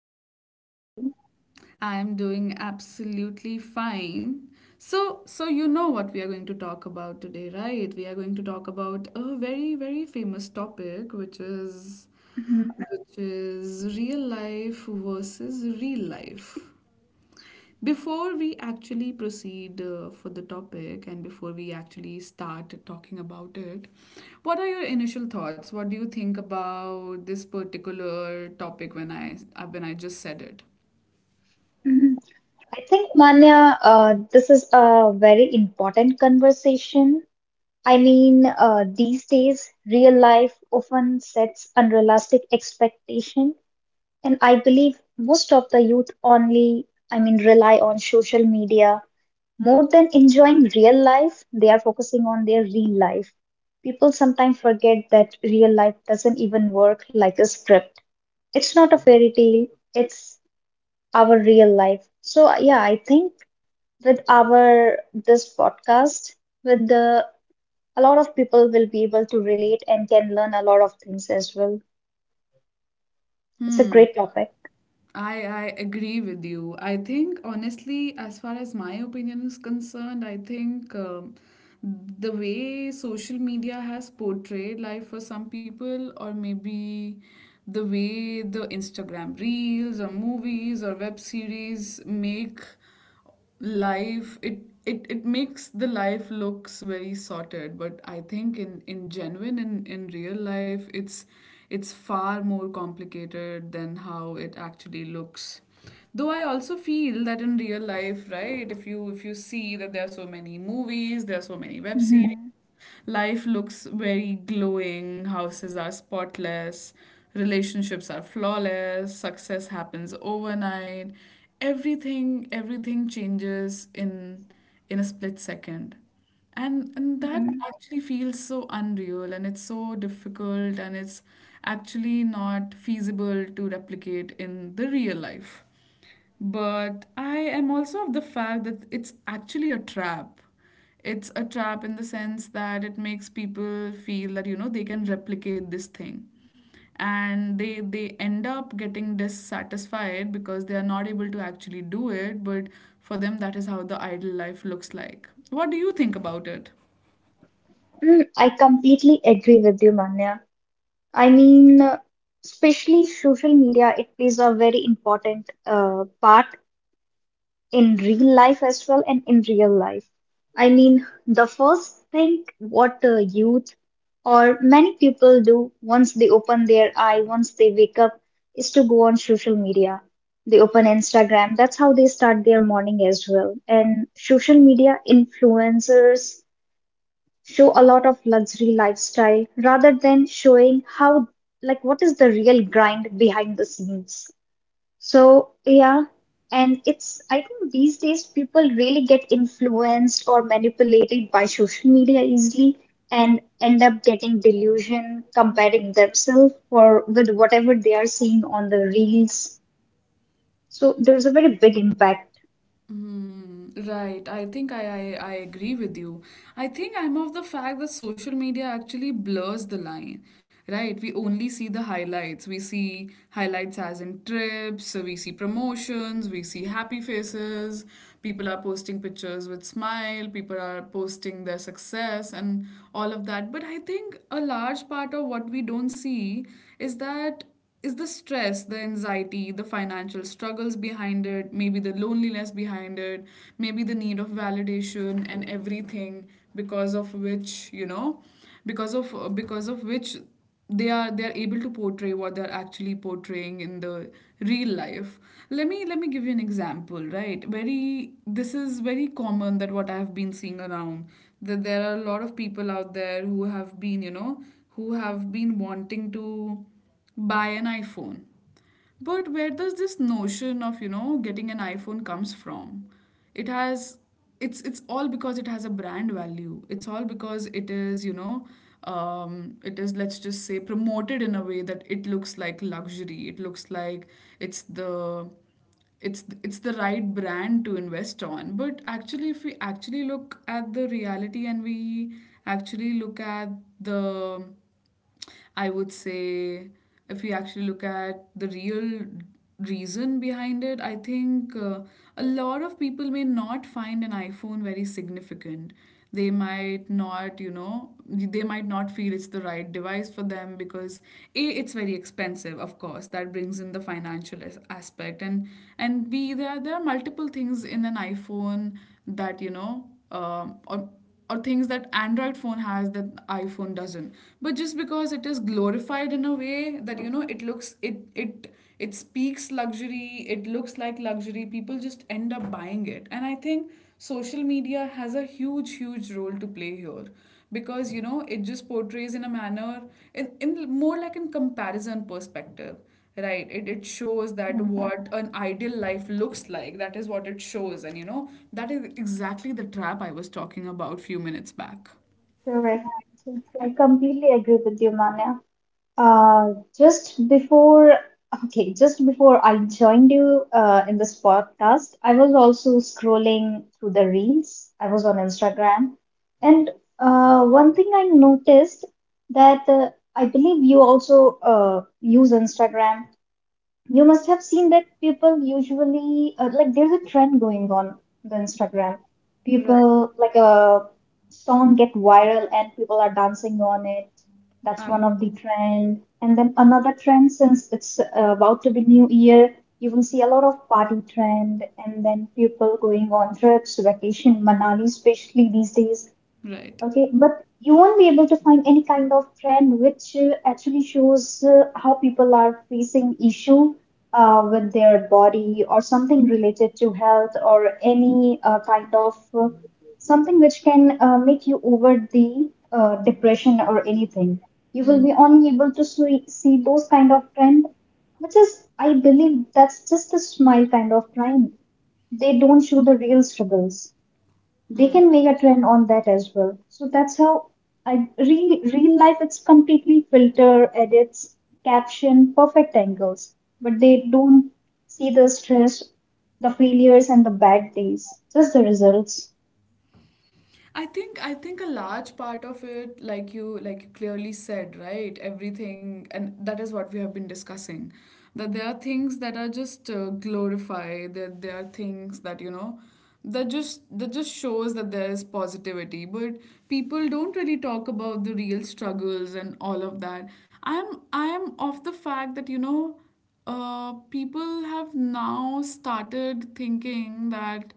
I'm good. How are you? I am doing absolutely fine. So, you know what we are going to talk about today, right? We are going to talk about a very, very famous topic, which is, Mhm, real life versus real life. Before we actually proceed for the topic, and before we actually start talking about it, what are your initial thoughts? What do you think about this particular topic when I just said it? mhm. I think, Manya, this is a very important conversation. These days, real life often sets unrealistic expectation, and I believe most of the youth only, rely on social media more than enjoying real life. They are focusing on their real life. People sometimes forget that real life doesn't even work like a script. It's not a fairy tale. It's our real life. So yeah, I think with our this podcast, with the a lot of people will be able to relate and can learn a lot of things as well. It's a Hmm. great topic. I agree with you. I think, honestly, as far as my opinion is concerned, I think the way social media has portrayed life for some people, or maybe the way the Instagram reels, or movies, or web series make life it it it makes the life looks very sorted. But I think in genuine in real life, it's far more complicated than how it actually looks. Though I also feel that in real life, right, if you see that there are so many movies, there are so many web series. Mhm. Life looks very glowing, houses are spotless, relationships are flawless, success happens overnight. Everything changes in a split second. And that Mhm. actually feels so unreal, and it's so difficult, and it's actually not feasible to replicate in the real life. But I am also of the fact that it's actually a trap. It's a trap in the sense that it makes people feel that they can replicate this thing. And they end up getting dissatisfied because they are not able to actually do it, but for them, that is how the ideal life looks like. What do you think about it? I completely agree with you, Manya. I mean, uh, especially social media, it plays a very important part in real life as well and in real life. I mean, the first thing what youth or many people do once they open their eye, once they wake up, is to go on social media. They open Instagram. That's how they start their morning as well. And social media influencers show a lot of luxury lifestyle rather than showing how, like, what is the real grind behind the scenes. So, yeah, I think these days people really get influenced or manipulated by social media easily and end up getting delusion, comparing themselves or with whatever they are seeing on the reels. So, there's a very big impact. Hmm, right. I think I agree with you. I think I'm of the fact that social media actually blurs the line, right? We only see the highlights. We see highlights as in trips, we see promotions, we see happy faces. People are posting pictures with smile, people are posting their success, and all of that. But I think a large part of what we don't see is that is the stress, the anxiety, the financial struggles behind it, maybe the loneliness behind it, maybe the need of validation, and everything because of which, you know, because of which they are able to portray what they're actually portraying in the real life. Let me give you an example, right? very This is very common, that what I have been seeing around, that there are a lot of people out there who have been wanting to buy an iPhone. But where does this notion of getting an iPhone comes from? It has it's all because it has a brand value. It's all because it is let's just say promoted in a way that it looks like luxury. It looks like it's the it's the right brand to invest on. But actually, if we actually look at the reality, and we actually look at the I would say, if we actually look at the real reason behind it, I think a lot of people may not find an iPhone very significant. They might not feel it's the right device for them, because A, it's very expensive, of course. That brings in the financial aspect. And B, there are multiple things in an iPhone that or things that android phone has that iphone doesn't. But just because it is glorified in a way that it speaks luxury, it looks like luxury, people just end up buying it. And I think social media has a huge, huge role to play here, because it just portrays in a manner, in, more like in comparison perspective. Right, it shows that Mhm. what an ideal life looks like. That is what it shows. And that is exactly the trap I was talking about few minutes back. Correct. I completely agree with you, Manya. Uh, just before, okay, just before I joined you in this podcast, I was also scrolling through the reels. I was on Instagram, and one thing I noticed that I believe you also use Instagram. You must have seen that people usually like there's a trend going on the Instagram. Right. People like a song get viral and people are dancing on it. That's Uh, one of the trend. And then another trend since it's about to be new year, you will see a lot of party trend and then people going on trips, vacation, Manali especially these days. right. Okay, but you won't be able to find any kind of trend which actually shows how people are facing issue with their body or something related to health or any uh, something which can make you over the depression or anything. You will be only able to see those kind of trend, which is, I believe, that's just a smile kind of trend. They don't show the real struggles they can make a trend on that as well. So that's how I real life it's completely filter, edits, caption, perfect angles, but they don't see the stress, the failures and the bad days, just the results. I think a large part of it, like you clearly said, right? Everything, and that is what we have been discussing. That there are things that are just glorified. That there are things that just shows that there is positivity. But people don't really talk about the real struggles and all of that. I'm I am of the fact that people have now started thinking that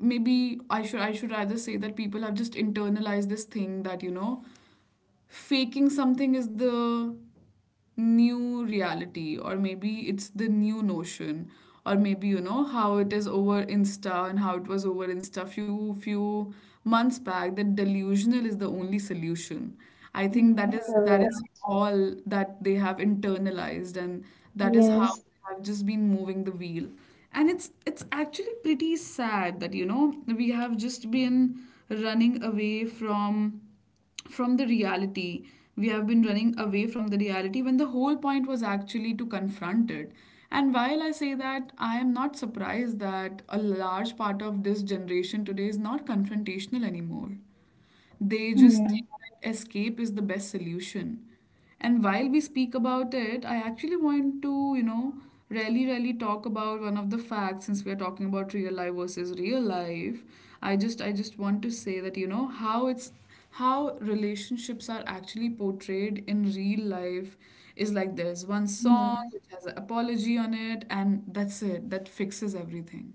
maybe I should rather say that people have just internalized this thing, that faking something is the new reality, or maybe it's the new notion, or maybe you know how it is over insta, and how it was over insta few months back, that delusional is the only solution. I think Hmm. That Correct. is all that they have internalized, and that is how Yes. they have just been moving the wheel. And it's actually pretty sad that we have just been running away from the reality. We have been running away from the reality when the whole point was actually to confront it. And while I say that, I am not surprised that a large part of this generation today is not confrontational anymore. They just think Hmm. that escape is the best solution. And while we speak about it, I actually want to really, really talk about one of the facts, since we are talking about real life versus real life. I just want to say that how it's how relationships are actually portrayed in real life is like there's one Hmm. song which has an apology on it, and that's it. That fixes everything.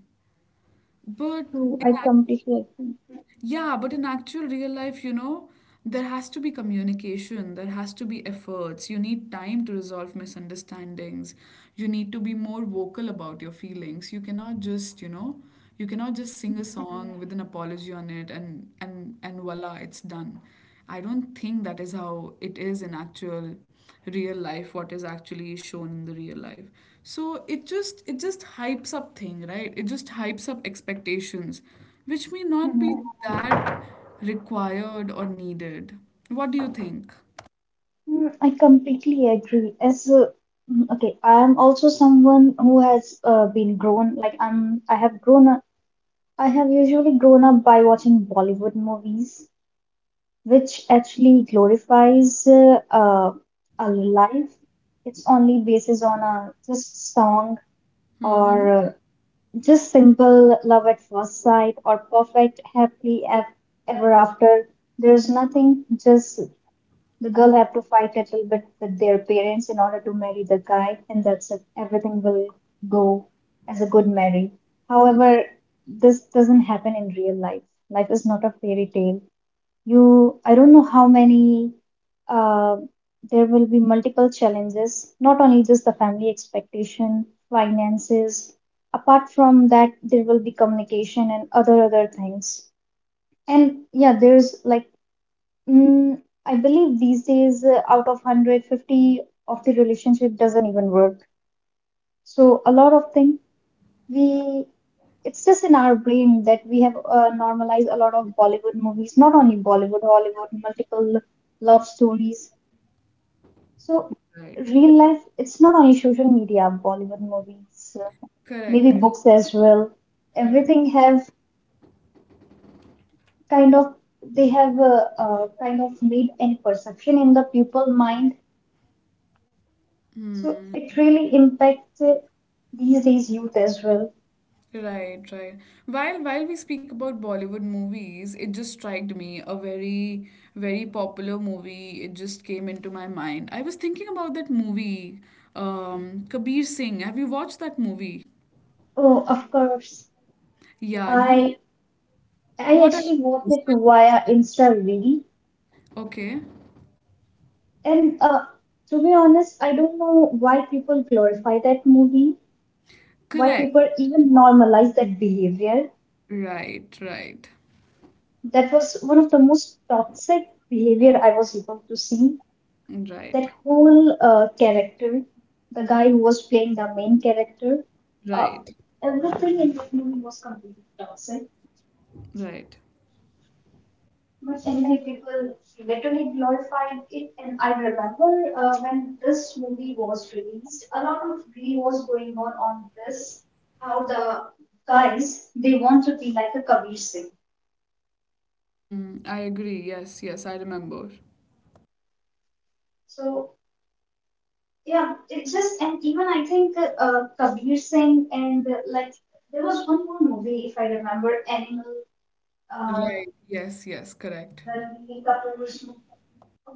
But True, in I completely agree. yeah, but in actual real life there has to be communication, there has to be efforts. You need time to resolve misunderstandings. You need to be more vocal about your feelings. You cannot just sing a song with an apology on it, and voila, it's done. I don't think that is how it is in actual real life, what is actually shown in the real life. So it just hypes up thing, right? It just hypes up expectations which may not be Hmm. that required or needed. What do you think? Hmm, I completely agree. Okay, I am also someone who has been grown like I have grown I have usually grown up by watching Bollywood movies, which actually glorifies a life. It's only basis on a just song or just simple love at first sight or perfect ever after. There's nothing just the girl have to fight a little bit with their parents in order to marry the guy, and that's it. Everything will go as a good marriage. However, this doesn't happen in real life. Life is not a fairy tale. I don't know how many uh, there will be multiple challenges, not only just the family expectation, finances. Apart from that, there will be communication and other things. And yeah, there's like Mm, I believe these days, out of 150 of the relationship doesn't even work. So a lot of things we it's just in our brain that we have normalized a lot of Bollywood movies, not only Bollywood, Hollywood, multiple love stories. So Right. real life, it's not only social media, Bollywood movies, maybe Correct. books as well. Correct. Everything have kind of they have kind of made any perception in the people mind. So it really impacts these days youth as well. Right, right. While we speak about Bollywood movies, it just struck me a very, very popular movie. It just came into my mind. I was thinking about that movie, Kabir Singh. Have you watched that movie? Oh, of course. Yeah, you. I I What are actually watched it via Insta Reel, okay? and to be honest, I don't know why people glorify that movie, why Correct. people even normalize that behavior. Right, right, That was one of the most toxic behavior I was able to see. right, That whole character, the guy who was playing the main character, uh, right, everything in that movie was completely toxic. right. But anyway, people literally glorified it, and I remember when this movie was released, a lot of glee was going on this. How the guys they want to be like a Kabir Singh. Mm, I agree. Yes, yes, I remember. So yeah, it just and even I think Kabir Singh and like there was one more movie if I remember, Animal. Uh, Right. Yes, yes, correct. the Kapoor's.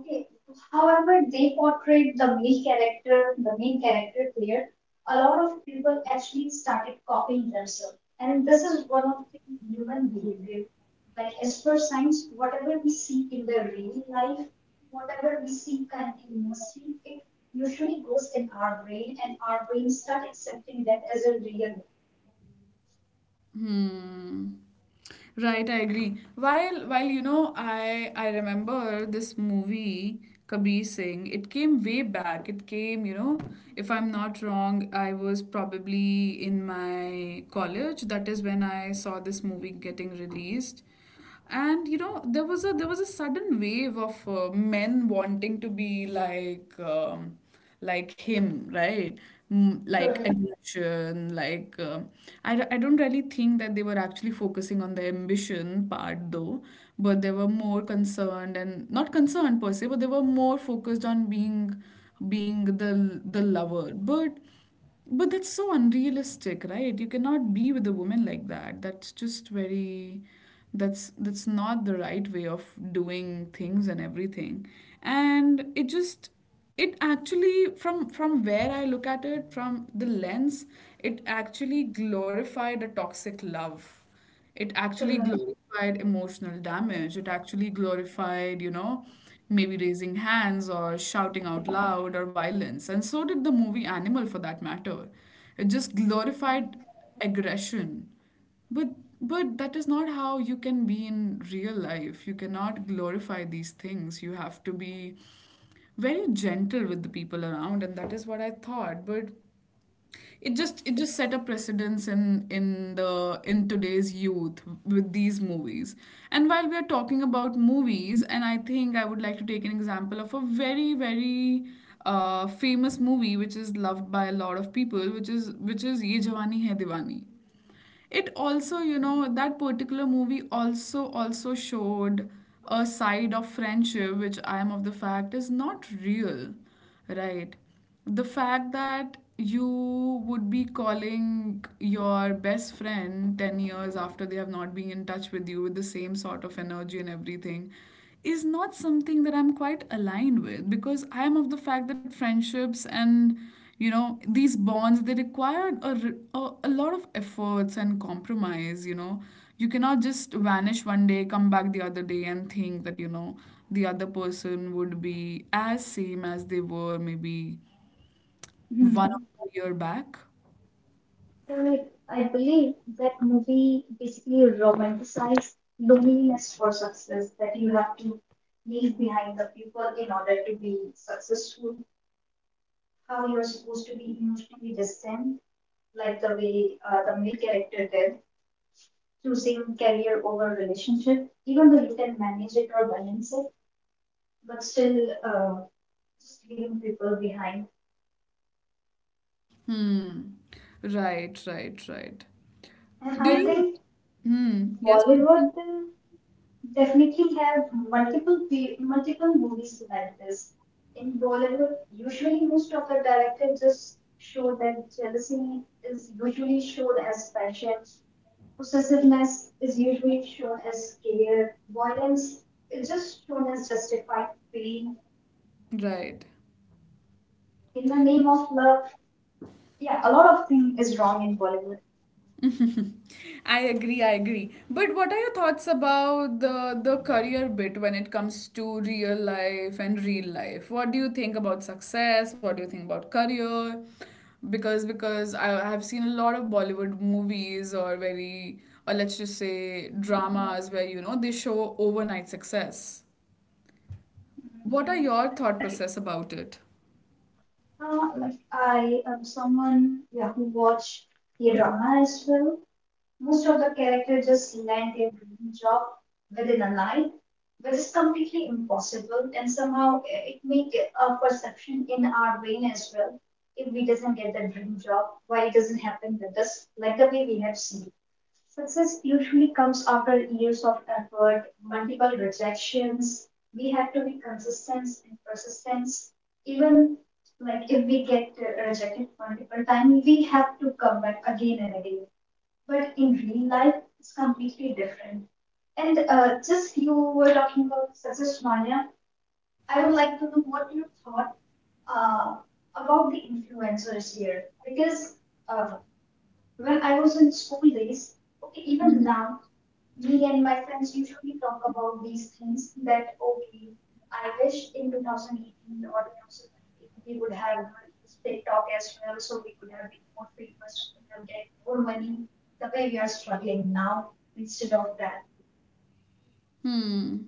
Okay. However, they portrayed the male character, the main character there. A lot of people actually started copying themselves, and this is one of the human behavior. Like as per science, whatever we see in the real life, whatever we see continuously, it usually goes in our brain, and our brain start accepting that as a real. Hmm. Right, I agree. While I remember this movie Kabir Singh. It came way back. It came, if I'm not wrong, I was probably in my college. That is when I saw this movie getting released, and there was a sudden wave of men wanting to be like him, right? Mm, like Correct. ambition, like I don't really think that they were actually focusing on the ambition part, though. But they were more concerned, and not concerned per se, but they were more focused on being the lover. But that's so unrealistic, right? You cannot be with a woman like that. That's just very. That's not the right way of doing things and everything. And it actually, from where I look at it, from the lens, it actually glorified a toxic love. It actually glorified emotional damage. It actually glorified, maybe raising hands or shouting out loud or violence. And so did the movie Animal for that matter. It just Correct. glorified aggression. But that is not how you can be in real life. You cannot glorify these things. You have to be very gentle with the people around, and that is what I thought. But it just set a precedence in today's youth with these movies. And while we are talking about movies, and I think I would like to take an example of a very very famous movie which is loved by a lot of people, which is Ye Jawani Hai Diwani. It also, you know, that particular movie also showed a side of friendship which I am of the fact is not real, right? The fact that you would be calling your best friend 10 years after they have not been in touch with you with the same sort of energy and everything is not something that I'm quite aligned with, because I am of the fact that friendships and, you know, these bonds, they require a a lot of efforts and compromise, you know. You cannot just vanish one day, come back the other day, and think that, you know, the other person would be as same as they were maybe 1 or 2 year back. So I believe that movie basically romanticized loneliness for success, that you have to leave behind the people in order to be successful, how you're supposed to be emotionally distant, like the way the male character did, choosing career over relationship, even though you can manage it or balance it, but still uh, just leaving people behind. Right, right, right. And Do I you— think yes, please. Bollywood definitely have multiple movies like this. In Bollywood, usually most of the directors just show that jealousy is usually shown as passion, possessiveness is usually shown as care, violence is just shown as justified pain Right. in the name of love. Yeah, a lot of thing is wrong in Bollywood. I agree, I agree. But what are your thoughts about the career bit when it comes to real life and real life? What do you think about success? What do you think about career? Because I have seen a lot of Bollywood movies, or very— or let's just say dramas where, you know, they show overnight success. What are your thought process about it? Like I am someone yeah, who watch the drama as well. Most of the characters just land their dream job within a life, which is completely impossible, and somehow it makes a perception in our brain as well. If we doesn't get the dream job, why it doesn't happen with us, like the way we have seen. Success usually comes after years of effort, multiple rejections. We have to be consistent and persistent. Even like if we get rejected multiple times, we have to come back again and again but in real life it's completely different. And just you were talking about success, Manya. I would like to know what you thought uh, about the influencers here because uh, when I was in school days, okay, even now me and my friends usually talk about these things that okay, I wish in 2018 or 2019 we would have used TikTok as well, so we could have been more famous, we could have get more money the way we are struggling now instead of that. Hmm.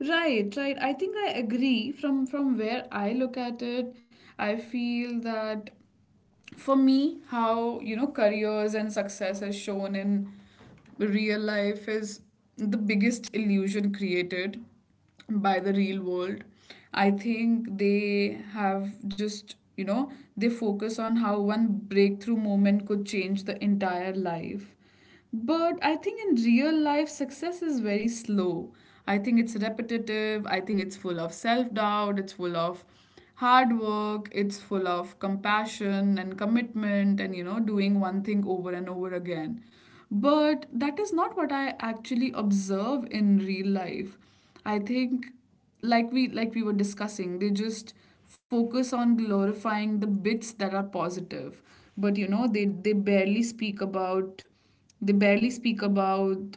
Right, right. I think I agree. From where I look at it, I feel that, for me, how, you know, careers and success is shown in real life is the biggest illusion created by the real world. I think they have just, you know, they focus on how one breakthrough moment could change the entire life, but I think in real life, success is very slow. I think it's repetitive. I think it's full of self doubt. It's full of hard work. It's full of compassion and commitment and, you know, doing one thing over and over again. But that is not what I actually observe in real life. I think, like we were discussing, they just focus on glorifying the bits that are positive, but, you know, they barely speak about— they barely speak about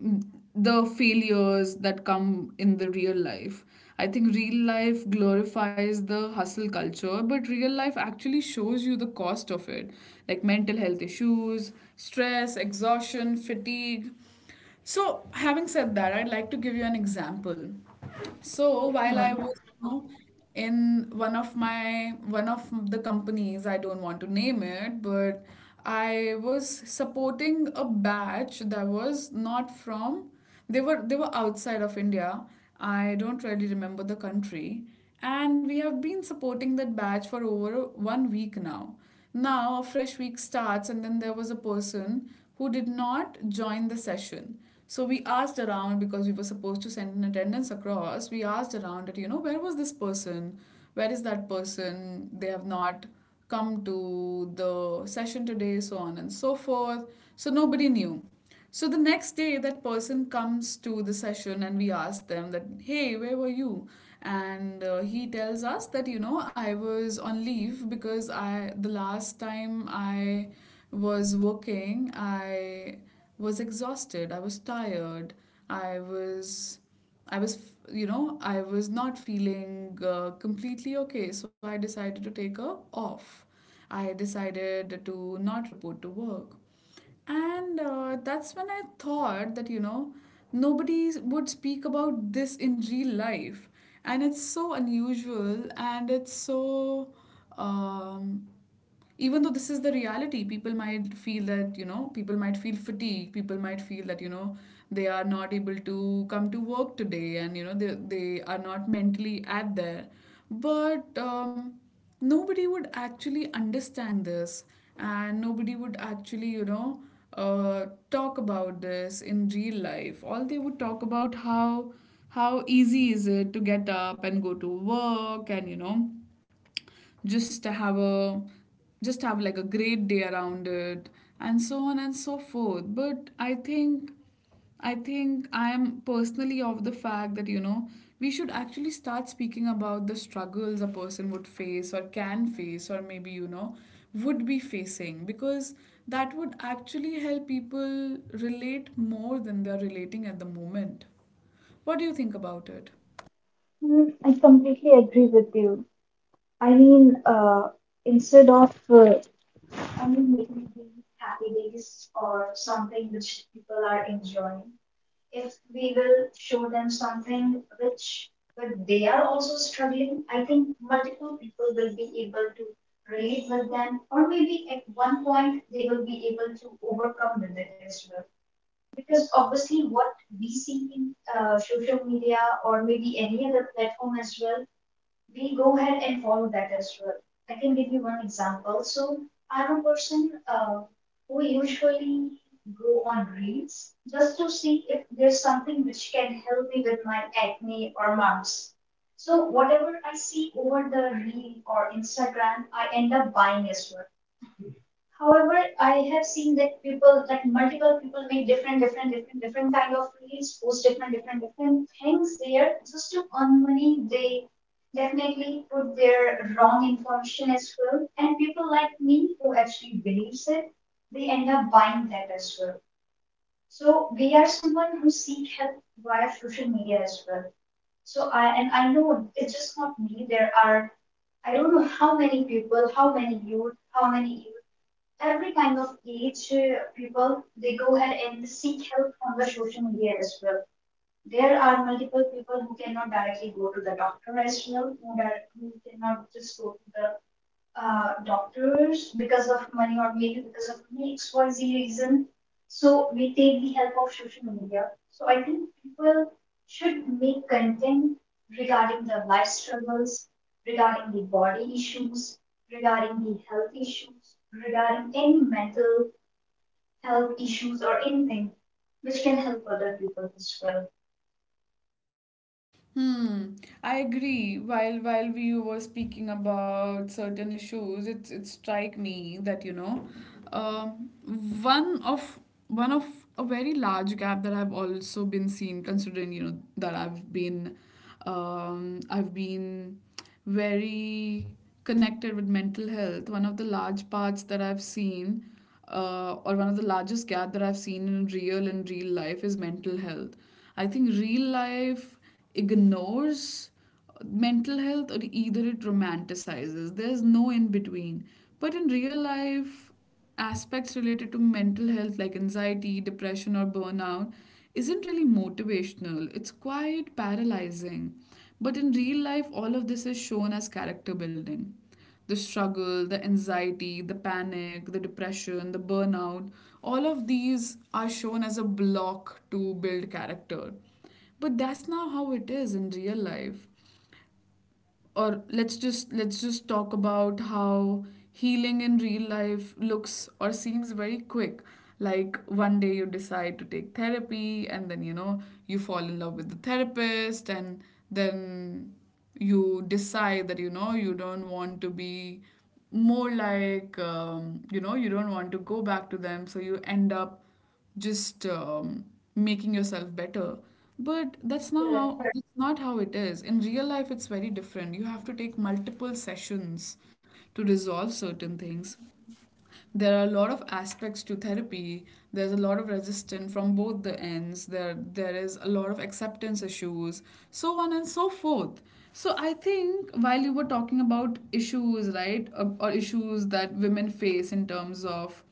mm, the failures that come in the real life. I think real life glorifies the hustle culture, but real life actually shows you the cost of it, like mental health issues, stress, exhaustion, fatigue. So, having said that, I'd like to give you an example. So while I Hmm, was, you know, in one of my— one of the companies, I don't want to name it, but I was supporting a batch that was not from— they were outside of India. I don't really remember the country. And we have been supporting that batch for over 1 week now. Now a fresh week starts, and then there was a person who did not join the session. So we asked around, because we were supposed to send an attendance across. We asked around that, you know, where was this person? Where is that person? They have not come to the session today, so on and so forth. So nobody knew. So the next day, that person comes to the session and we ask them that, hey, where were you? And he tells us that, you know, I was on leave because I— the last time I was working, I was exhausted, I was tired, I was— I was, you know, I was not feeling completely okay, so I decided to take a off. I decided to not report to work. And that's when I thought that, you know, nobody would speak about this in real life. And it's so unusual and it's so um, even though this is the reality, people might feel that, you know, people might feel fatigued, people might feel that, you know, they are not able to come to work today, and, you know, they are not mentally at there, but nobody would actually understand this, and nobody would actually, you know, uh, talk about this in real life. All they would talk about how easy is it to get up and go to work and, you know, just have a just have like a great day around it and so on and so forth. But I think, I think I am personally of the fact that, you know, we should actually start speaking about the struggles a person would face or can face or maybe, you know, would be facing, because that would actually help people relate more than they're relating at the moment. What do you think about it? Hmm, I completely agree with you. I mean, instead of I mean, making the happy days or something which people are enjoying. If we will show them something which, but they are also struggling, I think multiple people will be able to relate with them, or maybe at one point they will be able to overcome with it as well. Because obviously, what we see in social media or maybe any other platform as well we go ahead and follow that as well. I can give you one example. So I'm a person who usually go on reels just to see if there's something which can help me with my acne or marks. So whatever I see over the reel or Instagram, I end up buying as well. However, I have seen that people, that multiple people make different, different kind of reels, post different, different things there just to earn money. They definitely put their wrong information as well. And people like me who actually believes it, they end up buying that as well. So we are someone who seek help via social media as well. So I and I know it's just not me. There are I don't know how many people, how many youth, how many every kind of age people they go ahead and seek help from the social media as well there are multiple people who cannot directly go to the doctor as well who cannot just go to the doctors because of money or maybe because of any XYZ reason. So we take the help of social media. So I think people should make content regarding their life struggles, regarding the body issues, regarding the health issues, regarding any mental health issues or anything which can help other people as well. Hmm, I agree. While we were speaking about certain issues, it strike me that, you know, um, one of— one of a very large gap that I've also been seen considering, you know, that I've been very connected with mental health. One of the large parts that I've seen, or one of the largest gap that I've seen in real and real life is mental health. I think real life ignores mental health or either it romanticizes. There's no in between. But in real life, aspects related to mental health like anxiety, depression, or burnout isn't really motivational. It's quite paralyzing. But in real life, all of this is shown as character building. The struggle, the anxiety, the panic, the depression, the burnout, all of these are shown as a block to build character. But that's not how it is in real life. Or let's just— let's just talk about how healing in real life looks or seems very quick, like one day you decide to take therapy and then, you know, you fall in love with the therapist, and then you decide that, you know, you don't want to be more like— you know, you don't want to go back to them, so you end up just making yourself better. But that's not Correct. how that's not how it is in real life. It's very different. You have to take multiple sessions to resolve certain things. There are a lot of aspects to therapy. There's a lot of resistance from both the ends. There is a lot of acceptance issues, so on and so forth. So I think, while you were talking about issues, right, or issues that women face in terms of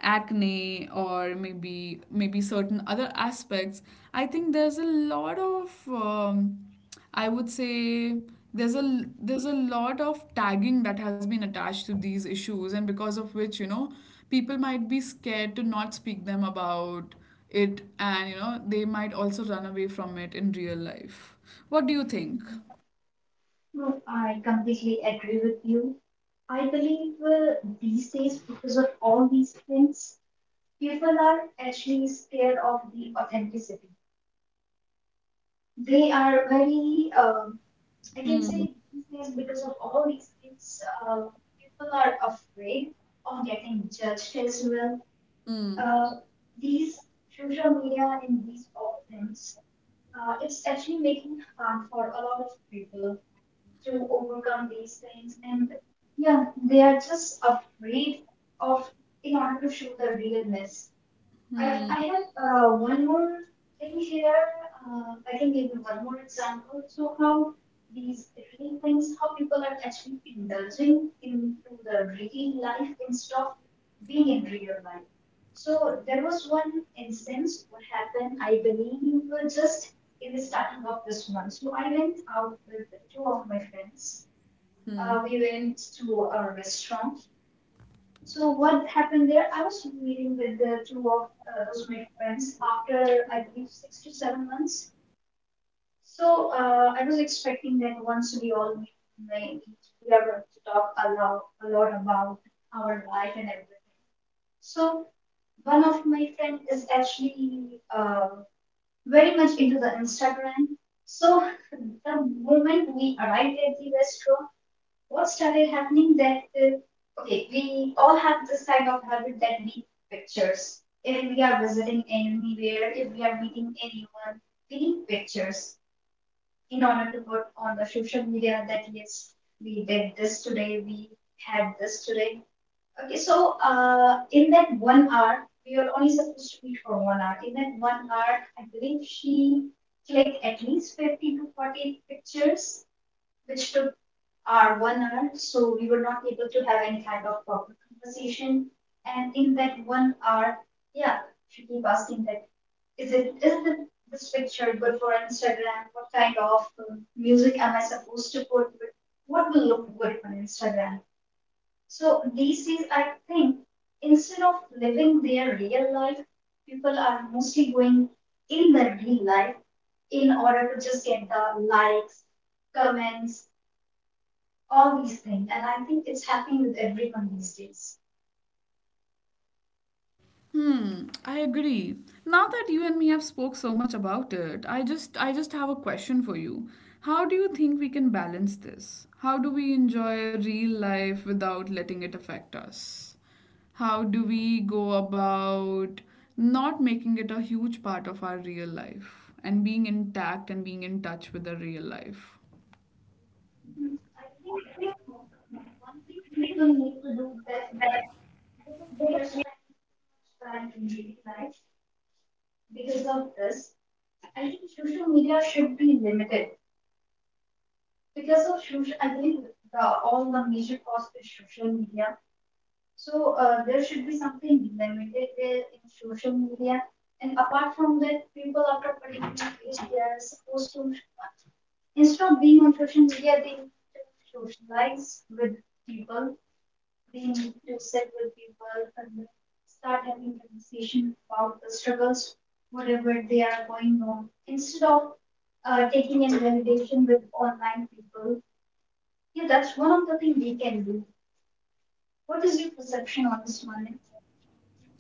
acne or maybe certain other aspects, I think there's a lot of I would say there's a lot of tagging that has been attached to these issues, and because of which, you know, people might be scared to not speak them about it, and, you know, they might also run away from it in real life. What do you think? No, I completely agree with you. I believe these days, because of all these things, people are actually scared of the authenticity. They are very, I can say, these days, because of all these things, uh, people are afraid of getting judged as well. Uh, these social media and these all things, it's actually making harm for a lot of people to overcome these things. And yeah, they are just afraid of, in order to show their realness. I have one more thing here. I can give you one more example. So how these reading things, how people are actually indulging into the reading life instead of being in real life. So there was one instance what happened. I believe we were just in the starting of this month. So I went out with two of my friends. We went to a restaurant. So what happened there, I was meeting with the two of those my friends after I believe 6 to 7 months. So I was expecting that once we all meet, may- we are going to talk a lot about our life and everything. So one of my friend is actually uh, very much into the Instagram. So the moment we arrived at the restaurant, what started happening that okay, we all have this kind of habit that we take pictures. If we are visiting anywhere, if we are meeting anyone, we need pictures in order to put on the social media that yes, we did this today, we had this today. Okay, so in that 1 hour, we were only supposed to meet for 1 hour. In that 1 hour, I believe she clicked at least 50 to 40 pictures, which took our 1 hour, so we were not able to have any kind of proper conversation. And in that 1 hour, yeah, she keep asking that, is it, this picture good for Instagram? What kind of music am I supposed to put? What will look good on Instagram? So these days, I think instead of living their real life, people are mostly going in the real life in order to just get the likes, comments, all these things, and I think it's happening with everyone these days. Hmm, I agree. Now that you and me have spoke so much about it, I just have a question for you. How do you think we can balance this? How do we enjoy real life without letting it affect us? How do we go about not making it a huge part of our real life and being intact and being in touch with the real life? Hmm. I think uh, one thing people need to do, that we are spending so much time in daily life. Because of this, I think social media should be limited. Because of social, I think the, all the major cost is social media. So there should be something limited there in social media. And apart from that, people after particular age, they are supposed to, instead of being on social media, they need to socialize with people. They need to sit with people and start having conversation about the struggles, whatever they are going on. Instead of taking in validation with online people, yeah, that's one of the things we can do. What is your perception on this, Manik?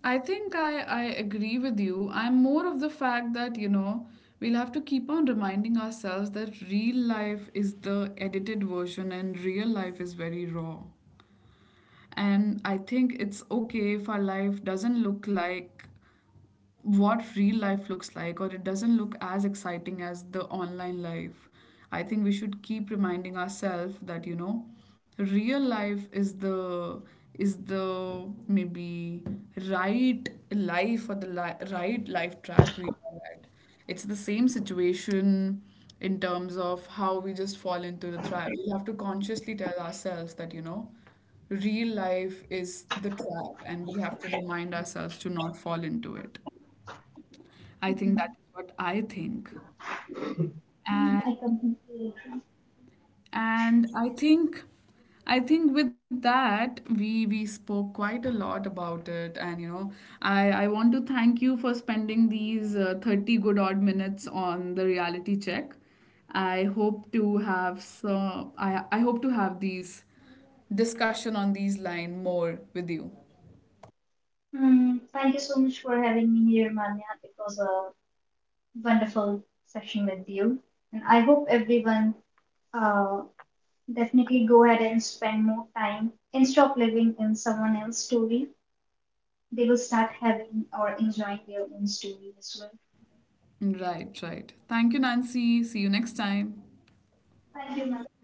I think I agree with you. I'm more of the fact that, you know, we'll have to keep on reminding ourselves that real life is the edited version and real life is very raw. And I think it's okay if our life doesn't look like what real life looks like, or it doesn't look as exciting as the online life. I think we should keep reminding ourselves that, you know, real life is the maybe right life or the right life track we are at. It's the same situation in terms of how we just fall into the trap. We have to consciously tell ourselves that, you know, real life is the trap, and we have to remind ourselves to not fall into it. I think Mm-hmm. that is what I think. Mm, And I completely agree. and I think, with that, we spoke quite a lot about it, and, you know, I want to thank you for spending these 30 good odd minutes on the reality check. I hope to have— so I hope to have these discussion on these line more with you. Mm, thank you so much for having me here, Manya. It was a wonderful session with you, and I hope everyone uh, definitely go ahead and spend more time and stop living in someone else's story. They will start having or enjoying their own story as well. Right, right. Thank you, Nancy. See you next time. Thank you, Manya.